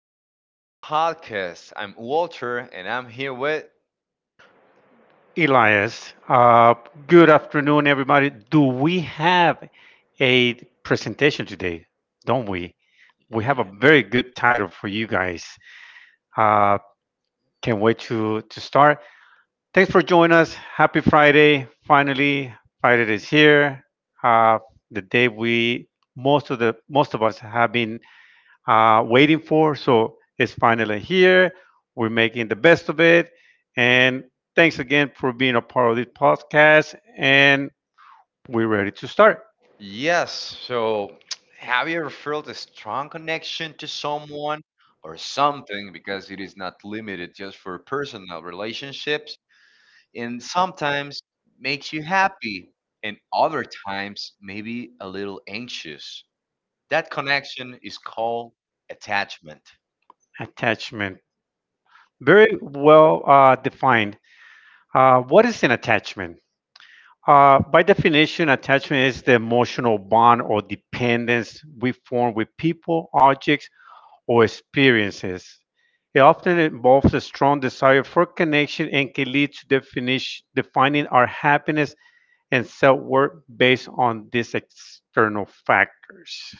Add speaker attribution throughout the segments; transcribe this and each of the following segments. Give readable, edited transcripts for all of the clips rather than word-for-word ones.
Speaker 1: to today's podcast. I'm Walter, and I'm here with.
Speaker 2: Elias, good afternoon, everybody. Do we have a presentation today? Don't we? We have a
Speaker 1: Ye-
Speaker 2: very good title for you guys. Uh, can't wait to start. Thanks for joining us. Happy Friday. Finally, Friday is here. Uh, the day we most of us have been waiting for. So it's finally here. We're making the best of it. And thanks again for being a part of this podcast. And we're ready to start.
Speaker 1: Yes, so have you ever felt a strong connection to someone or something? Because it is not limited just for personal relationships, and sometimes makes you happy, and other times maybe a little anxious. That connection is called attachment.
Speaker 2: Attachment. Very well defined. What is an attachment? By definition, attachment is the emotional bond or dependence we form with people, objects, or experiences. It often involves a strong desire for connection and can lead to defining our happiness and self worth based on these external factors.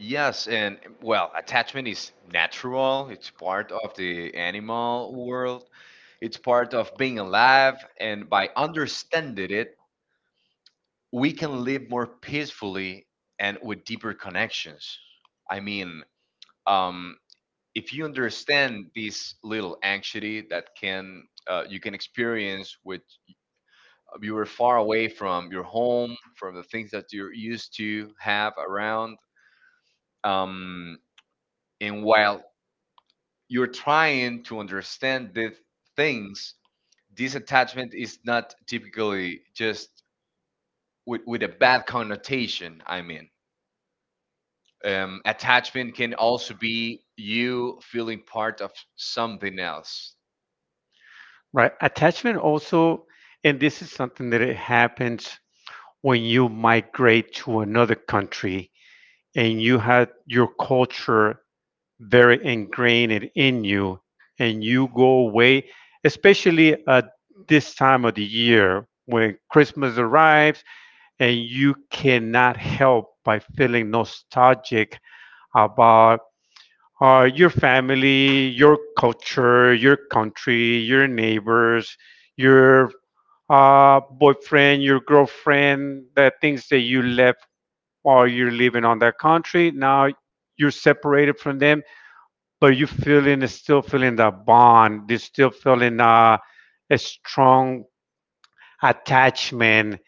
Speaker 1: Yes, and well, attachment is natural. It's part of the animal world. It's part of being alive, and by understanding it, we can live more peacefully and with deeper connections. I mean, um, if you understand this little anxiety that can you can experience with you were far away from your home, from the things that you're used to have around, um, and while you're trying to understand the things, this attachment is not typically just with, a bad connotation. I mean, attachment can also be you feeling part of something else
Speaker 2: Right? Attachment also, and this is something that it happens when you migrate to another country and you had your culture very ingrained in you and you go away, especially at this time of the year when Christmas arrives, and you cannot help by feeling nostalgic about your family, your culture, your country, your neighbors, your boyfriend, your girlfriend, the things that you left while you're living on that country. Now you're separated from them, but you feeling still feeling that bond. You're still feeling a strong attachment,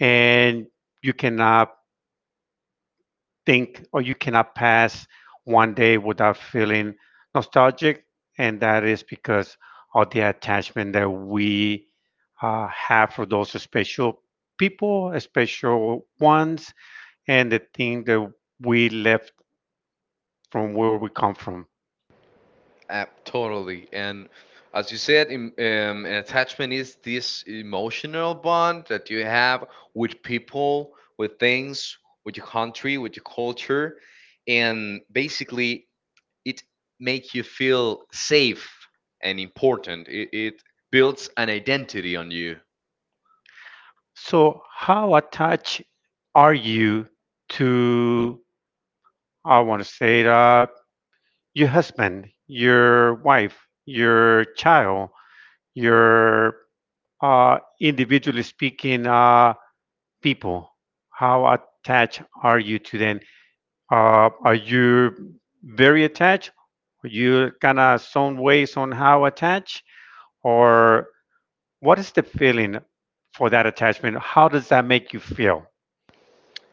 Speaker 2: and you cannot think or you cannot pass one day without feeling nostalgic, and that is because of the attachment that we have for those special people, special ones, and the thing that we left from where we come from.
Speaker 1: totally. And as you said, an attachment is this emotional bond that you have with people, with things, with your country, with your culture, and basically it makes you feel safe and important. It builds an identity on you.
Speaker 2: So, how attached are you to, I want to say that, your husband, your wife, your child, your individually speaking people? How attached are you to them? Are you very attached? Are you kind of some ways on how attached? Or what is the feeling for that attachment? How does that make you feel?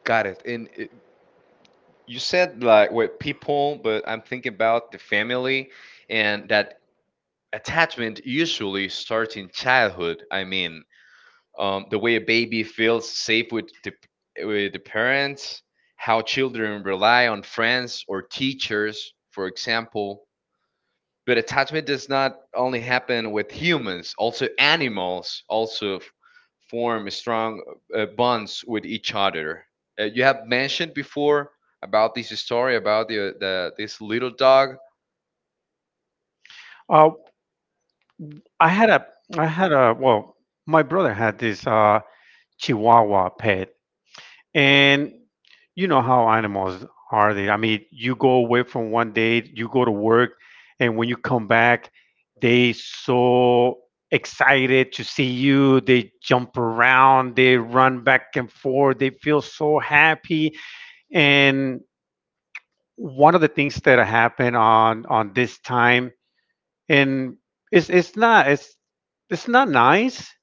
Speaker 1: Got it. And, you said like with people, but I'm thinking about the family, and that attachment usually starts in childhood. I mean, the way a baby feels safe with with the parents, how children rely on friends or teachers, for example. But attachment does not only happen with humans, also animals also form strong bonds with each other. You have mentioned before about this story about the this little dog.
Speaker 2: Uh, I had a I had a, well, my brother had this Chihuahua pet, and you know how animals are, they, I mean, you go away from one day, you go to work, and when you come back, they so excited to see you. They jump around, they run back and forth, they feel so happy. And one of the things that happened on this time, and it's it's not it's it's not nice,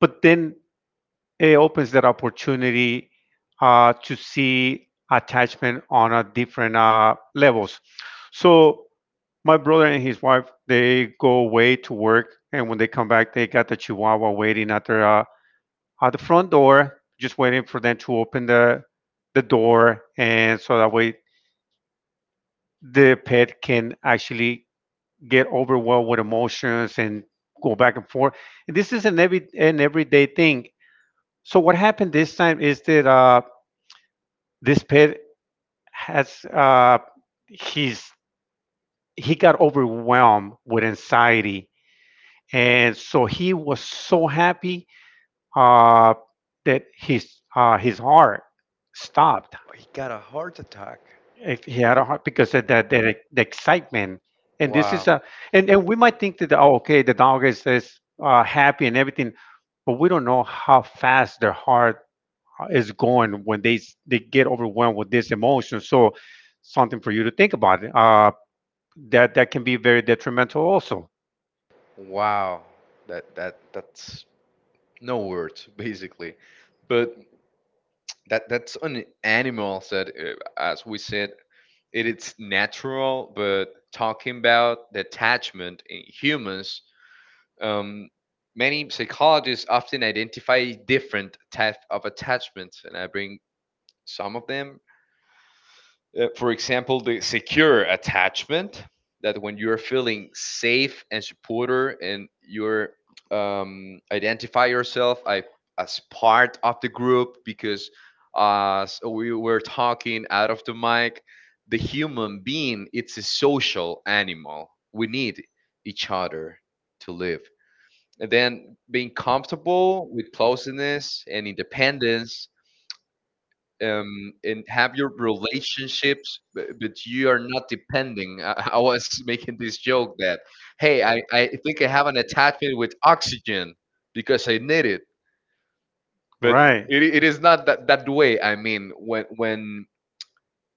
Speaker 2: but then it opens that opportunity to see attachment on a different levels. So my brother and his wife, they go away to work, and when they come back, they got the Chihuahua waiting at their at the front door, just waiting for them to open the door, and so that way the pet can actually get overwhelmed with emotions and go back and forth. And this is an everyday thing. So what happened this time is that this pet has he's he got overwhelmed with anxiety, and so he was so happy uh, that his heart stopped.
Speaker 1: He got a heart attack.
Speaker 2: If he had a heart, because of that, the excitement, and this
Speaker 1: Wow.
Speaker 2: is a, and we might think that, oh, okay, the dog is happy and everything, but we don't know how fast their heart is going when they get overwhelmed with this emotion. So something for you to think about. That can be very detrimental also.
Speaker 1: Wow. That that's no words, basically. But that's an animal that, as we said, it is natural. But talking about the attachment in humans, Um, many psychologists often identify different types of attachments, and I bring some of them. For example, the secure attachment, that when you're feeling safe and supporter and you're identify yourself I, as part of the group, because so we were talking out of the mic, the human being, it's a social animal. We need each other to live. And then being comfortable with closeness and independence, and have your relationships, but, you are not depending. I was making this joke that, hey, I think I have an attachment with oxygen because I need it. But
Speaker 2: Right.
Speaker 1: it is not that, way. I mean, when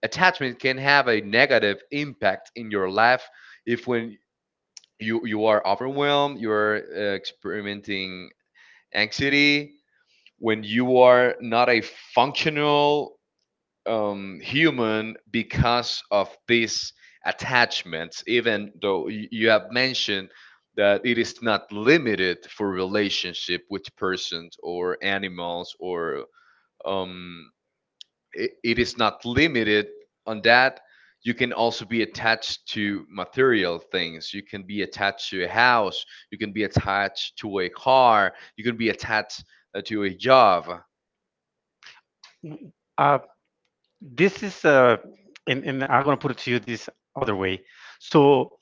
Speaker 1: attachment can have a negative impact in your life, if when you are overwhelmed, you're experimenting anxiety, when you are not a functional human because of these attachments, even though you have mentioned that it is not limited for relationship with persons or animals or um, it is not limited on that. You can also be attached to material things. You can be attached to a house. You can be attached to a car. You can be attached to a job.
Speaker 2: Uh, this is and I'm gonna put it to you this other way. So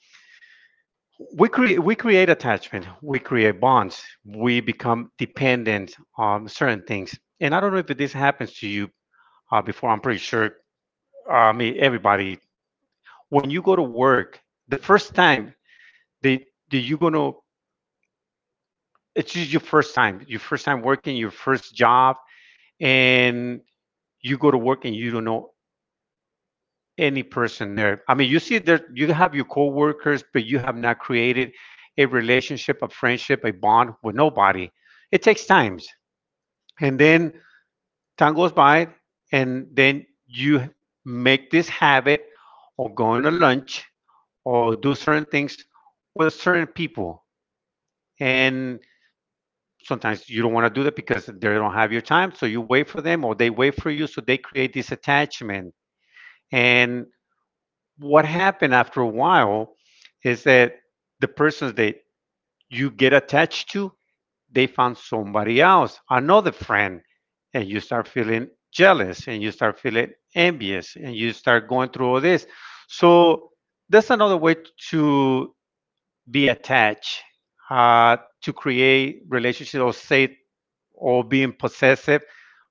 Speaker 2: we create attachment, we create bonds, we become dependent on certain things. And I don't know if this happens to you before. I'm pretty sure. I mean, everybody, when you go to work the first time that you gonna, it's just your first time, your first time working, your first job, and you go to work, and you don't know any person there. I mean, you see there, you have your coworkers, but you have not created a relationship, a friendship, a bond with nobody. It takes times, and then time goes by, and then you make this habit of going to lunch or do certain things with certain people, and sometimes you don't want to do that because they don't have your time, so you wait for them or they wait for you. So they create this attachment, and what happened after a while is that the persons that you get attached to, they found somebody else, another friend, and you start feeling jealous, and you start feeling envious, and you start going through all this. So that's another way to be attached uh, to create relationships, or save, or being possessive,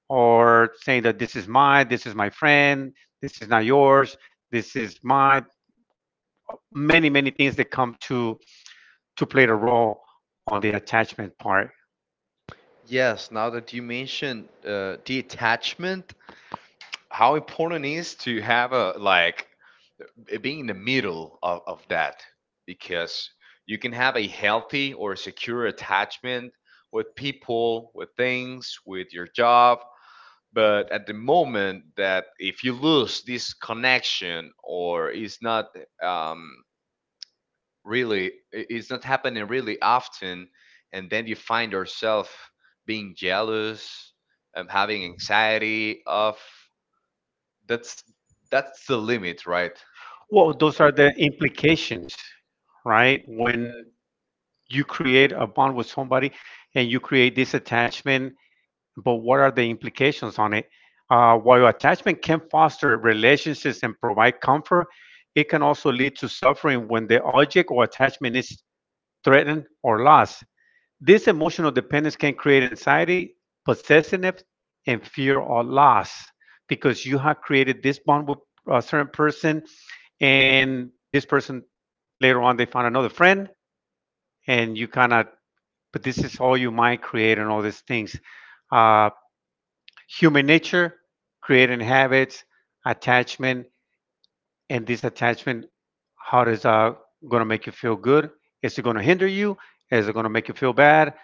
Speaker 2: or saying that this is mine, this is my friend, this is not yours, this is mine. Many, many things that come to play the role on the attachment part.
Speaker 1: Yes, now that you mentioned detachment, how important it is to have a like being in the middle of, that, because you can have a healthy or secure attachment with people, with things, with your job, but at the moment that if you lose this connection or is not um, really it's not happening really often, and then you find yourself being jealous, having anxiety of that's that's the limit, right?
Speaker 2: Well, those are the implications, right? When you create a bond with somebody and you create this attachment, but what are the implications on it? While attachment can foster relationships and provide comfort, it can also lead to suffering when the object or attachment is threatened, or lost. This emotional dependence can create anxiety, possessiveness, and fear or loss, because you have created this bond with a certain person, and this person later on, they find another friend, and you kind of. But this is all you might create and all these things. Uh, human nature, creating habits, attachment, and this attachment, how does going to make you feel good? Is it going to hinder you? Is it going to make you feel bad?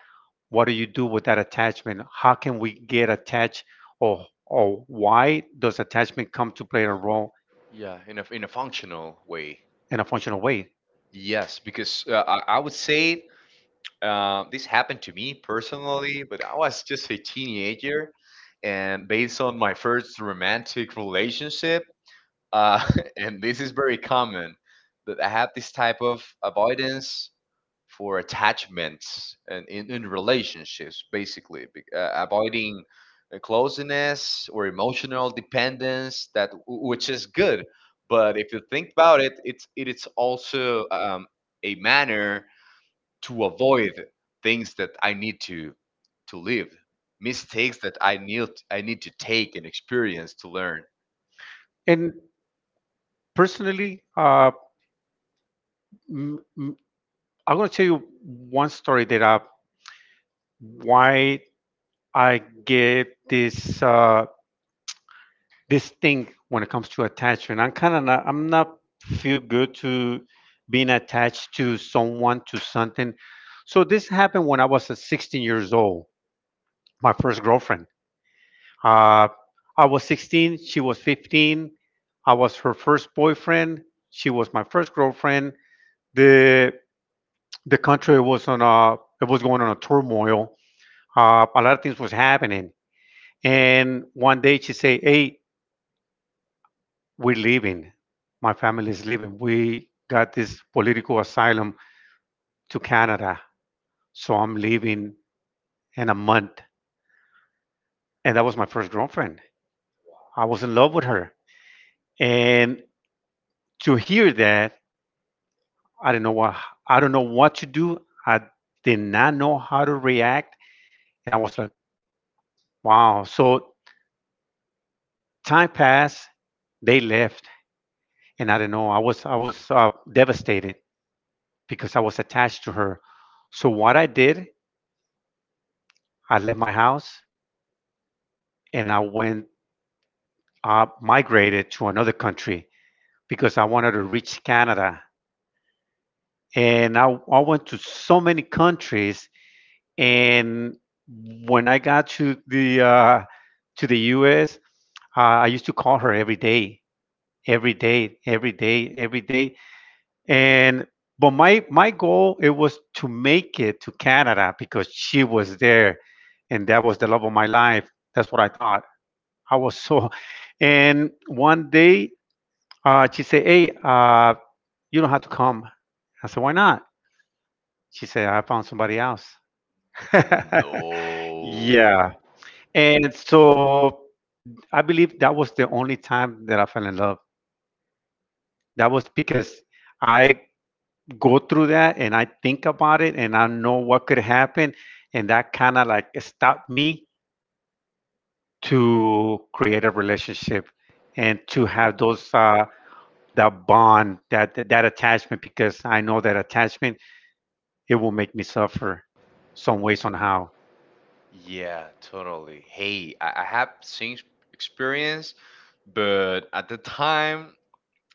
Speaker 2: What do you do with that attachment? How can we get attached, or why does attachment come to play a role
Speaker 1: Yeah, in a functional way.
Speaker 2: in a functional way?
Speaker 1: Yes, because I would say this happened to me personally, but I was just a teenager, and based on my first romantic relationship. uh, and this is very common that I have this type of avoidance for attachments and in, relationships, basically, avoiding closeness or emotional dependence. That which is good, but if you think about it, it is also a manner to avoid things that I need to live, mistakes that I need to take, and experience to learn.
Speaker 2: And personally, m- m- I'm going to tell you one story that I, why I get this this thing. When it comes to attachment, I'm kind of not, I'm not feel good to being attached to someone, to something. So this happened when I was 16 years old, my first girlfriend. Uh, I was 16, she was 15. I was her first boyfriend, she was my first girlfriend. The the country was on a, it was going on a turmoil. A lot of things was happening, and one day she say, "Hey, we're leaving. My family is leaving. We got this political asylum to Canada, so I'm leaving in a month." And that was my first girlfriend. I was in love with her, and to hear that, I didn't know what, to do. I did not know how to react, and I was like, wow. So time passed, they left, and I didn't know. I was devastated because I was attached to her. So what I did, I left my house and I went migrated to another country because I wanted to reach Canada. And I went to so many countries. And when I got to the U.S., I used to call her every day, every day. And but my goal, it was to make it to Canada, because she was there, and that was the love of my life. That's what I thought. I was so. And one day she said, "Hey, you don't have to come." I said, "Why not?" She said, "I found somebody else." Yeah.
Speaker 1: No.
Speaker 2: And so I believe that was the only time that I fell in love. That was because I go through that, and I think about it, and I know what could happen. And that kind of like stopped me to create a relationship and to have those, that bond, that, that attachment, because I know that attachment, it will make me suffer some way, somehow.
Speaker 1: Yeah, totally. Hey, I have seen experience, but at the time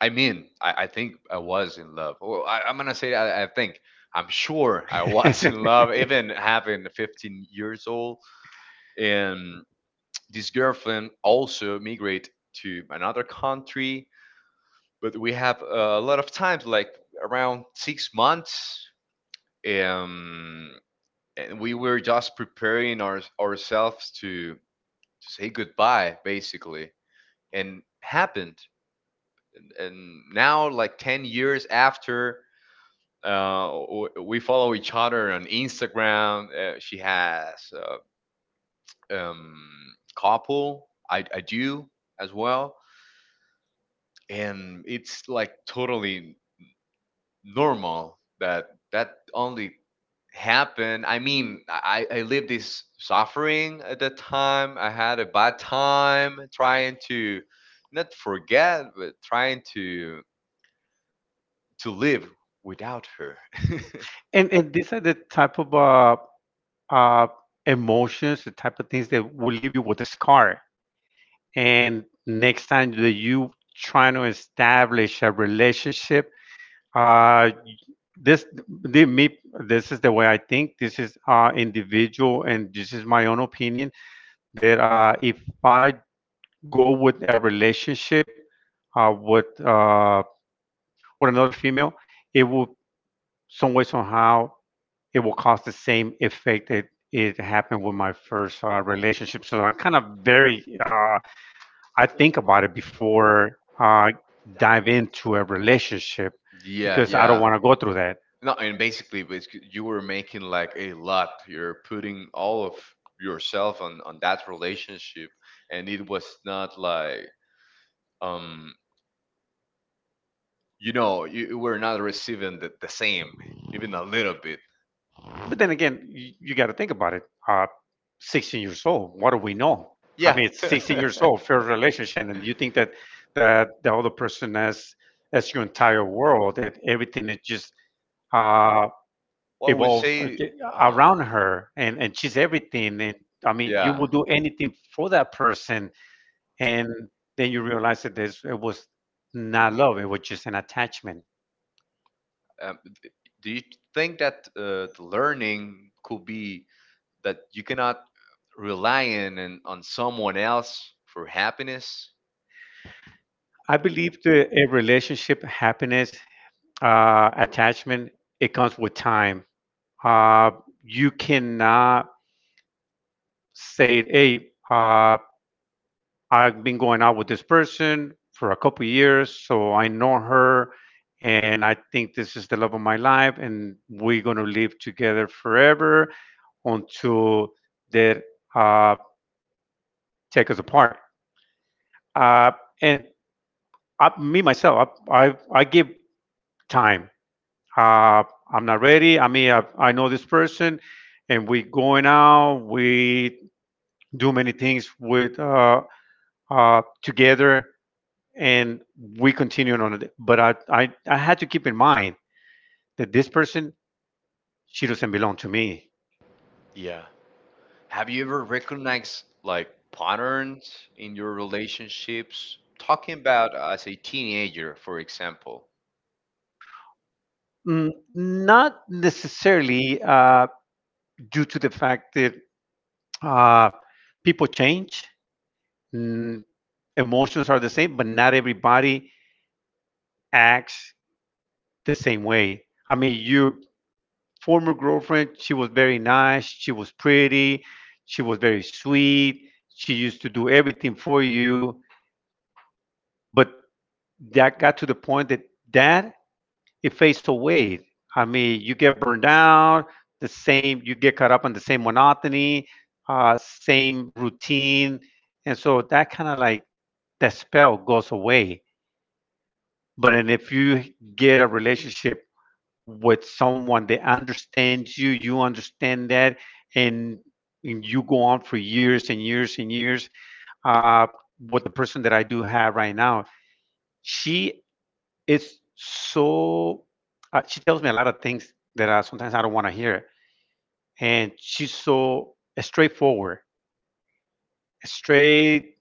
Speaker 1: I mean I think I was in love. Well I'm gonna say I think I'm sure I was in love, even having 15 years old. And this girlfriend also migrate to another country, but we have a lot of times like around 6 months, um, and we were just preparing our, ourselves to, say goodbye, basically. And happened, and now like 10 years after, uh, we follow each other on Instagram. She has couple, I do as well, and it's like totally normal, that that only happened. I mean, I lived this suffering at the time. I had a bad time trying to not forget, but trying to live without her.
Speaker 2: And these are the type of uh, emotions, the type of things that will leave you with a scar. And next time that you trying to establish a relationship, uh, this the me this is the way I think. This is individual, and this is my own opinion, that if I go with a relationship uh with uh with another female, it will some way somehow, it will cause the same effect that it happened with my first relationship. So I'm kind of very I think about it before I dive into a relationship. Yeah.
Speaker 1: Yeah,
Speaker 2: Because I don't
Speaker 1: yeah.
Speaker 2: want to go through that.
Speaker 1: No, and basically, you were making like a lot. You're putting all of yourself on that relationship, and it was not like, um, you know, you were not receiving the, same, even a little bit.
Speaker 2: But then again, you got to think about it. Uh, 16 years old, what do we know? I
Speaker 1: Yeah.
Speaker 2: mean, it's 16 years old, first relationship, and you think that the other person has, that's your entire world, that everything is just uh,
Speaker 1: What would
Speaker 2: evolves
Speaker 1: say?
Speaker 2: around
Speaker 1: Uh-huh.
Speaker 2: her, and she's everything. And I mean, you
Speaker 1: Yeah.
Speaker 2: will do anything for that person, and then you realize that this it was not love, it was just an attachment.
Speaker 1: Um, d- do you think that the learning could be that you cannot rely on and on someone else for happiness?
Speaker 2: I believe that a relationship, happiness, attachment, it comes with time. Uh, you cannot say, "Hey, I've been going out with this person for a couple years, so I know her, and I think this is the love of my life, and we're going to live together forever until they uh, take us apart." Uh, and I, me myself, I give time. Uh, I'm not ready. I mean, I know this person, and we going out. We do many things with together, and we continue on it. But I had to keep in mind that this person, she doesn't belong to me.
Speaker 1: Yeah. Have you ever recognized like patterns in your relationships? Talking about as a teenager, for example.
Speaker 2: Not necessarily due to the fact that uh, people change. Mm, Emotions are the same, but not everybody acts the same way. I mean, your former girlfriend, she was very nice, she was pretty, she was very sweet, she used to do everything for you, but that got to the point that that it fades away. I mean, you get burned out, the same, you get caught up on the same monotony, same routine, and so that kind of like that spell goes away. But then if you get a relationship with someone that understands you, you understand that, and, and you go on for years and years and years. Uh, with the person that I do have right now, she is so, she tells me a lot of things that I, sometimes I don't want to hear. And she's so straightforward, straight.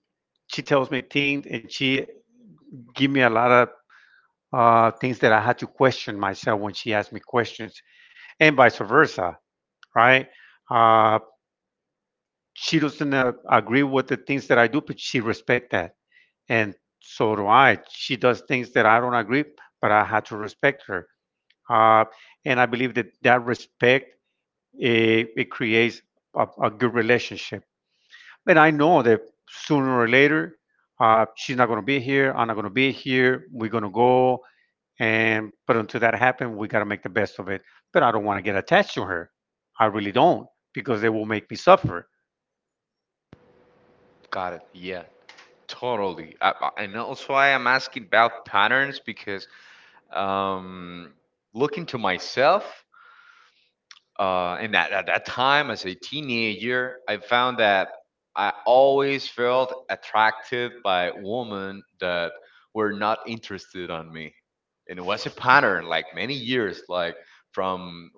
Speaker 2: She tells me things, and she give me a lot of things that I had to question myself when she asked me questions, and vice versa, right? Uh, she doesn't agree with the things that I do, but she respect that, and so do I. She does things that I don't agree, but I had to respect her. Uh, and I believe that respect it, it creates a good relationship. But I know that sooner or later, she's not going to be here. I'm not going to be here. We're going to go, and but until that happens, we got to make the best of it. But I don't want to get attached to her. I really don't, because it will make me suffer.
Speaker 1: Got it. Yeah. Totally. And also, I am asking about patterns, because um, looking to myself, and at, that time as a teenager, I found that I always felt attracted by women that were not interested on me, and it was a pattern like many years, like from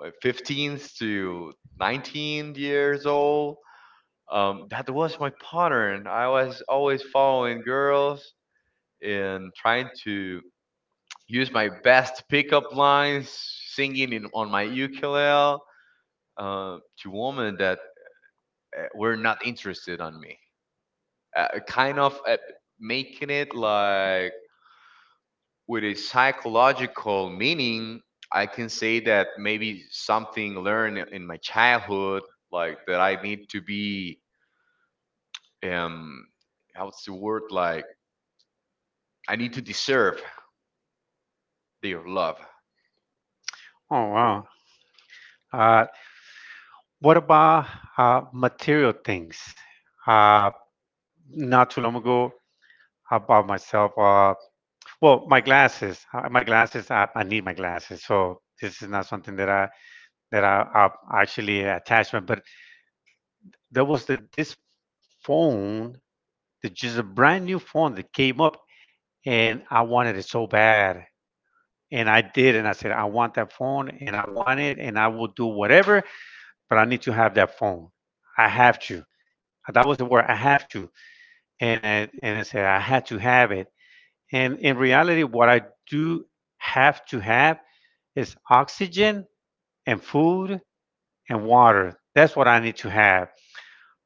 Speaker 1: my 15th to 19 years old, that was my pattern. I was always following girls and trying to use my best pickup lines, singing in, on my ukulele to women that were not interested on me. Kind of making it like with a psychological meaning, I can say that maybe something learned in my childhood, like that I need to be, um how's the word, like I need to deserve their love.
Speaker 2: Oh, wow. Uh, What about material things? Uh, not too long ago, I bought myself, well, my glasses. My glasses, I need my glasses. So this is not something that that I, I actually attachment. But there was the, this phone, the just a brand new phone that came up, and I wanted it so bad. And I did, and I said, "I want that phone, and I want it, and I will do whatever, but I need to have that phone. I have to." That was the word. I have to. And I said I had to have it. And in reality, what I do have to have is oxygen and food and water. That's what I need to have.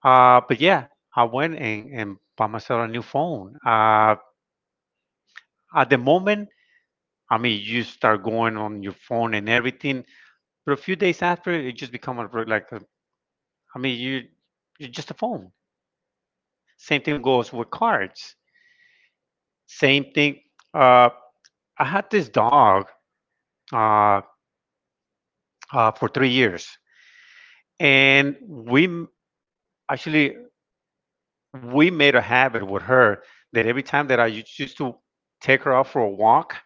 Speaker 2: But yeah, I went and bought myself a new phone. At the moment, I mean, you start going on your phone and everything, but a few days after, it just become like, a, I mean, you're just a phone. Same thing goes with cards. Same thing. Uh, I had this dog. Uh, for 3 years. And actually, we made a habit with her that every time that I used to take her out for a walk,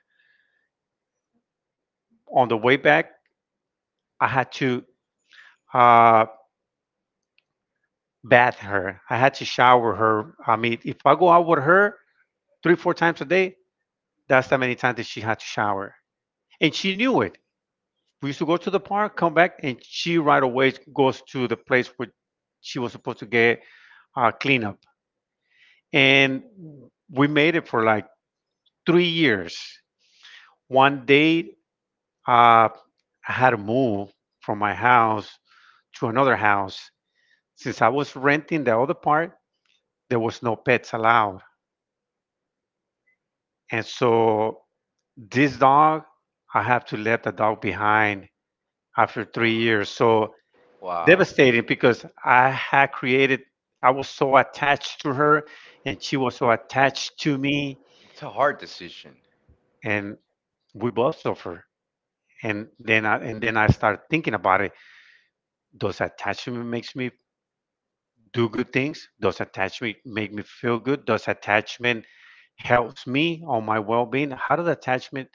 Speaker 2: on the way back, I had to uh, bath her. I had to shower her. I mean, if I go out with her 3 4 times a day, that's how many times that she had to shower, and she knew it. We used to go to the park, come back, and she right away goes to the place where she was supposed to get cleanup. And we made it for like 3 years. One day, I had to move from my house to another house. Since I was renting the other part, there was no pets allowed. And so this dog, I have to let the dog behind after 3 years. So
Speaker 1: Wow.
Speaker 2: devastating,
Speaker 1: It's
Speaker 2: because I had created, I was so attached to her, and she was so attached to me,
Speaker 1: a hard decision.
Speaker 2: and we both suffer. And then I started thinking about it. Does attachment makes me do good things? Does attachment make me feel good? Does attachment helps me on my well-being? How does attachment,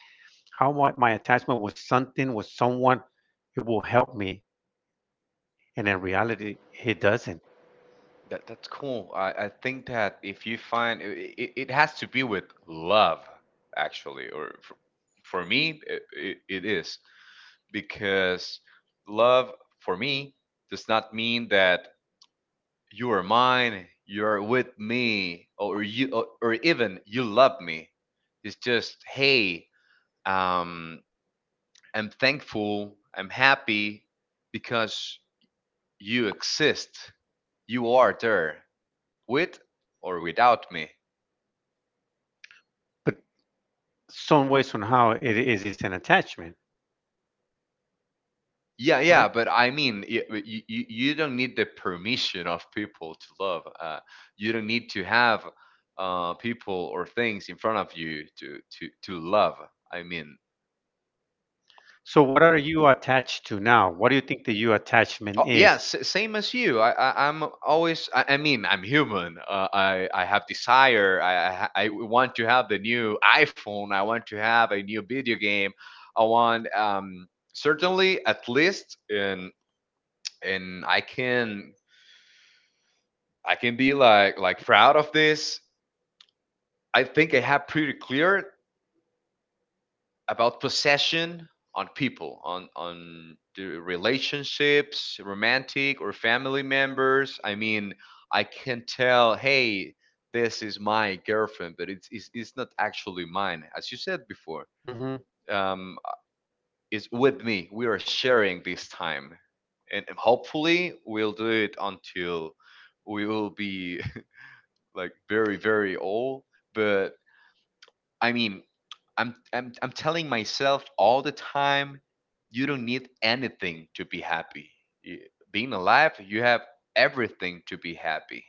Speaker 2: how my, my attachment with something, with someone, it will help me? And in reality, it doesn't.
Speaker 1: That's cool. I think that if you find it, it has to be with love, actually, or for, me it is. Because love for me does not mean that you are mine, you're with me, or you or even you love me. It's just hey, um, I'm thankful, I'm happy because you exist, you are there with or without me.
Speaker 2: But some way, somehow, it's an attachment,
Speaker 1: Yeah,
Speaker 2: right?
Speaker 1: yeah, but I mean, you don't need the permission of people to love. You don't need to have people or things in front of you to, love. I mean,
Speaker 2: So, what are you attached to now? What do you think that your
Speaker 1: oh
Speaker 2: attachment
Speaker 1: yeah,
Speaker 2: is?
Speaker 1: same as you. I'm always. I mean, I'm human. I have desire. I want to have the new iPhone. I want to have a new video game. I want, certainly at least in, and I can be like, proud of this. I think I have pretty clear about possession on people, on the relationships, romantic or family members. I mean, I can tell, hey, this is my girlfriend, but it's not actually mine, as you said before.
Speaker 2: Mhm.
Speaker 1: Um, it's with me. We are sharing this time, and hopefully we'll do it until we will be like very, very old. But I mean, I'm telling myself all the time, you don't need anything to be happy. Y- Being alive, you have everything to be happy.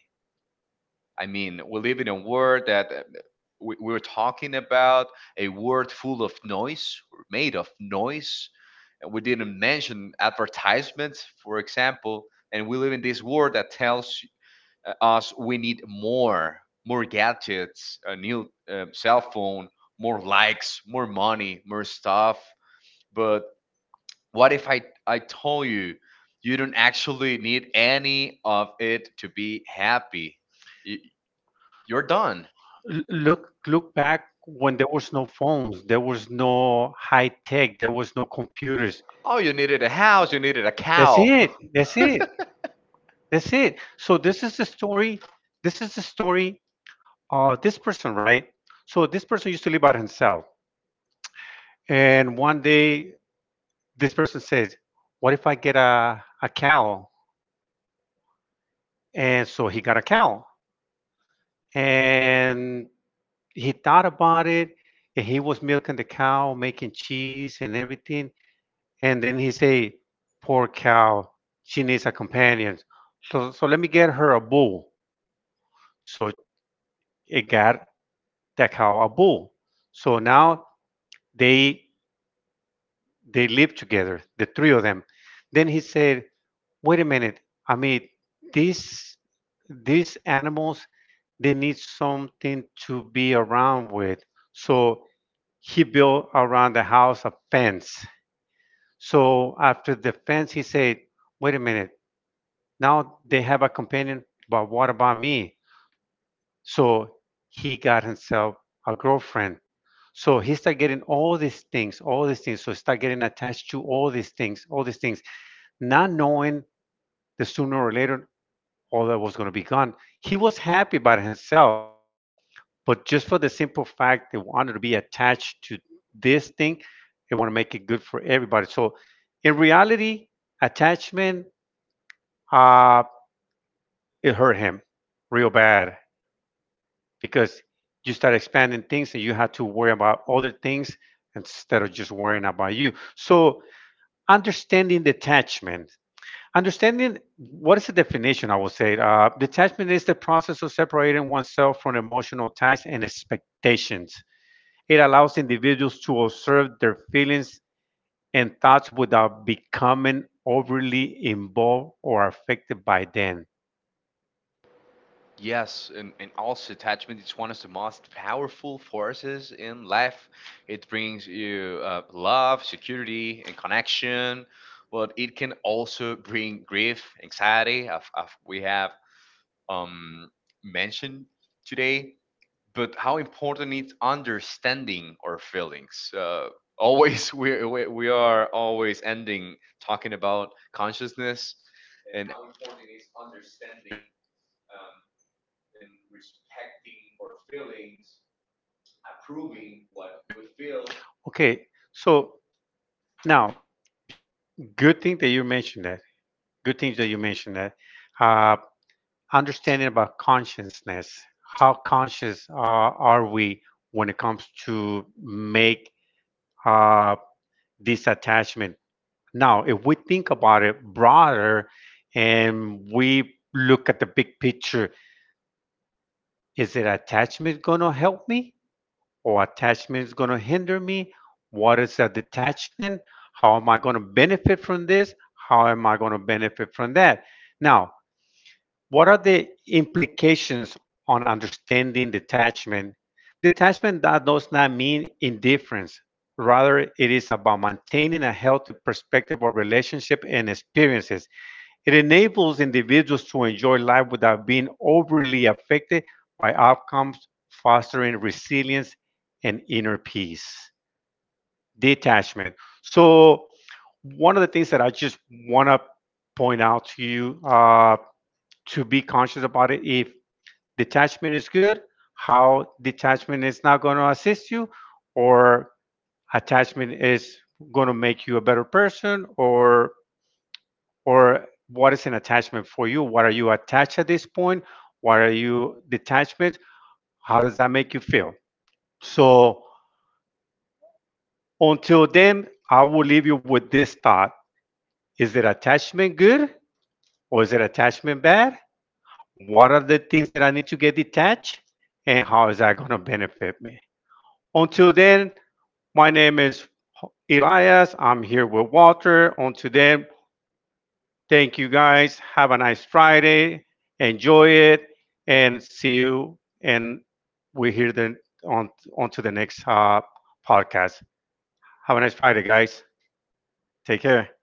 Speaker 1: I mean, we live in a world that, we're talking about a world full of noise, made of noise, and we didn't mention advertisements, for example. And we live in this world that tells us we need more, more gadgets, a new cell phone, more likes, more money, more stuff. But what if I told you, you don't actually need any of it to be happy? Y- you're done.
Speaker 2: Look, look back, when there was no phones, there was no high tech, there was no computers.
Speaker 1: Oh, you needed a house, you needed a
Speaker 2: That's
Speaker 1: cow.
Speaker 2: it, that's it, that's it. So this is the story, this is the story of this person, right? So this person used to live by himself, and one day this person says, what if I get a cow? And so he got a cow, and he thought about it, and he was milking the cow, making cheese and everything, and then he say, "Poor cow, she needs a companion. So let me get her a bull." So it got that cow a bull. So now they live together, the three of them. Then he said, "Wait a minute. I mean, these these animals, they need something to be around with." So he built around the house a fence. So after the fence, he said, "Wait a minute. Now they have a companion, but what about me?" So he got himself a girlfriend. So he started getting all these things, all these things. So he started getting attached to all these things, not knowing the sooner or later all that was going to be gone. He was happy about himself, but just for the simple fact they wanted to be attached to this thing, they want to make it good for everybody. So in reality, attachment, uh, it hurt him real bad, because you start expanding things, and you have to worry about other things instead of just worrying about you. So understanding detachment, understanding what is the definition, I would say. Detachment is the process of separating oneself from emotional ties and expectations. It allows individuals to observe their feelings and thoughts without becoming overly involved or affected by them.
Speaker 1: Yes, and, also attachment is one of the most powerful forces in life. It brings you love, security, and connection, but it can also bring grief, anxiety, as, we have um, mentioned today. But how important is understanding our feelings? Always, we are always ending talking about consciousness and how important is understanding um, and respecting our feelings, approving what we feel,
Speaker 2: Okay, so now, good thing that you mentioned that, good things that you mentioned that, uh, understanding about consciousness. How conscious are we when it comes to make uh, this attachment? Now if we think about it broader, and we look at the big picture, is it attachment going to help me, or attachment is going to hinder me? What is a detachment? How am I going to benefit from this? How am I going to benefit from that? Now, what are the implications on understanding detachment? Detachment that does not mean indifference. Rather, it is about maintaining a healthy perspective of relationship and experiences. It enables individuals to enjoy life without being overly affected by outcomes, fostering resilience and inner peace. Detachment. So, one of the things that I just want to point out to you, to be conscious about it, if detachment is good, how detachment is not going to assist you, or attachment is going to make you a better person, or what is an attachment for you? What are you attached at this point? What are you detachment? How does that make you feel? So until then, I will leave you with this thought. Is it attachment good, or is it attachment bad? What are the things that I need to get detached? And how is that going to benefit me? Until then, my name is Elias. I'm here with Walter. On today, thank you guys. Have a nice Friday. Enjoy it, and see you. And we are here then, on on to the next podcast. Have a nice Friday, guys. Take care.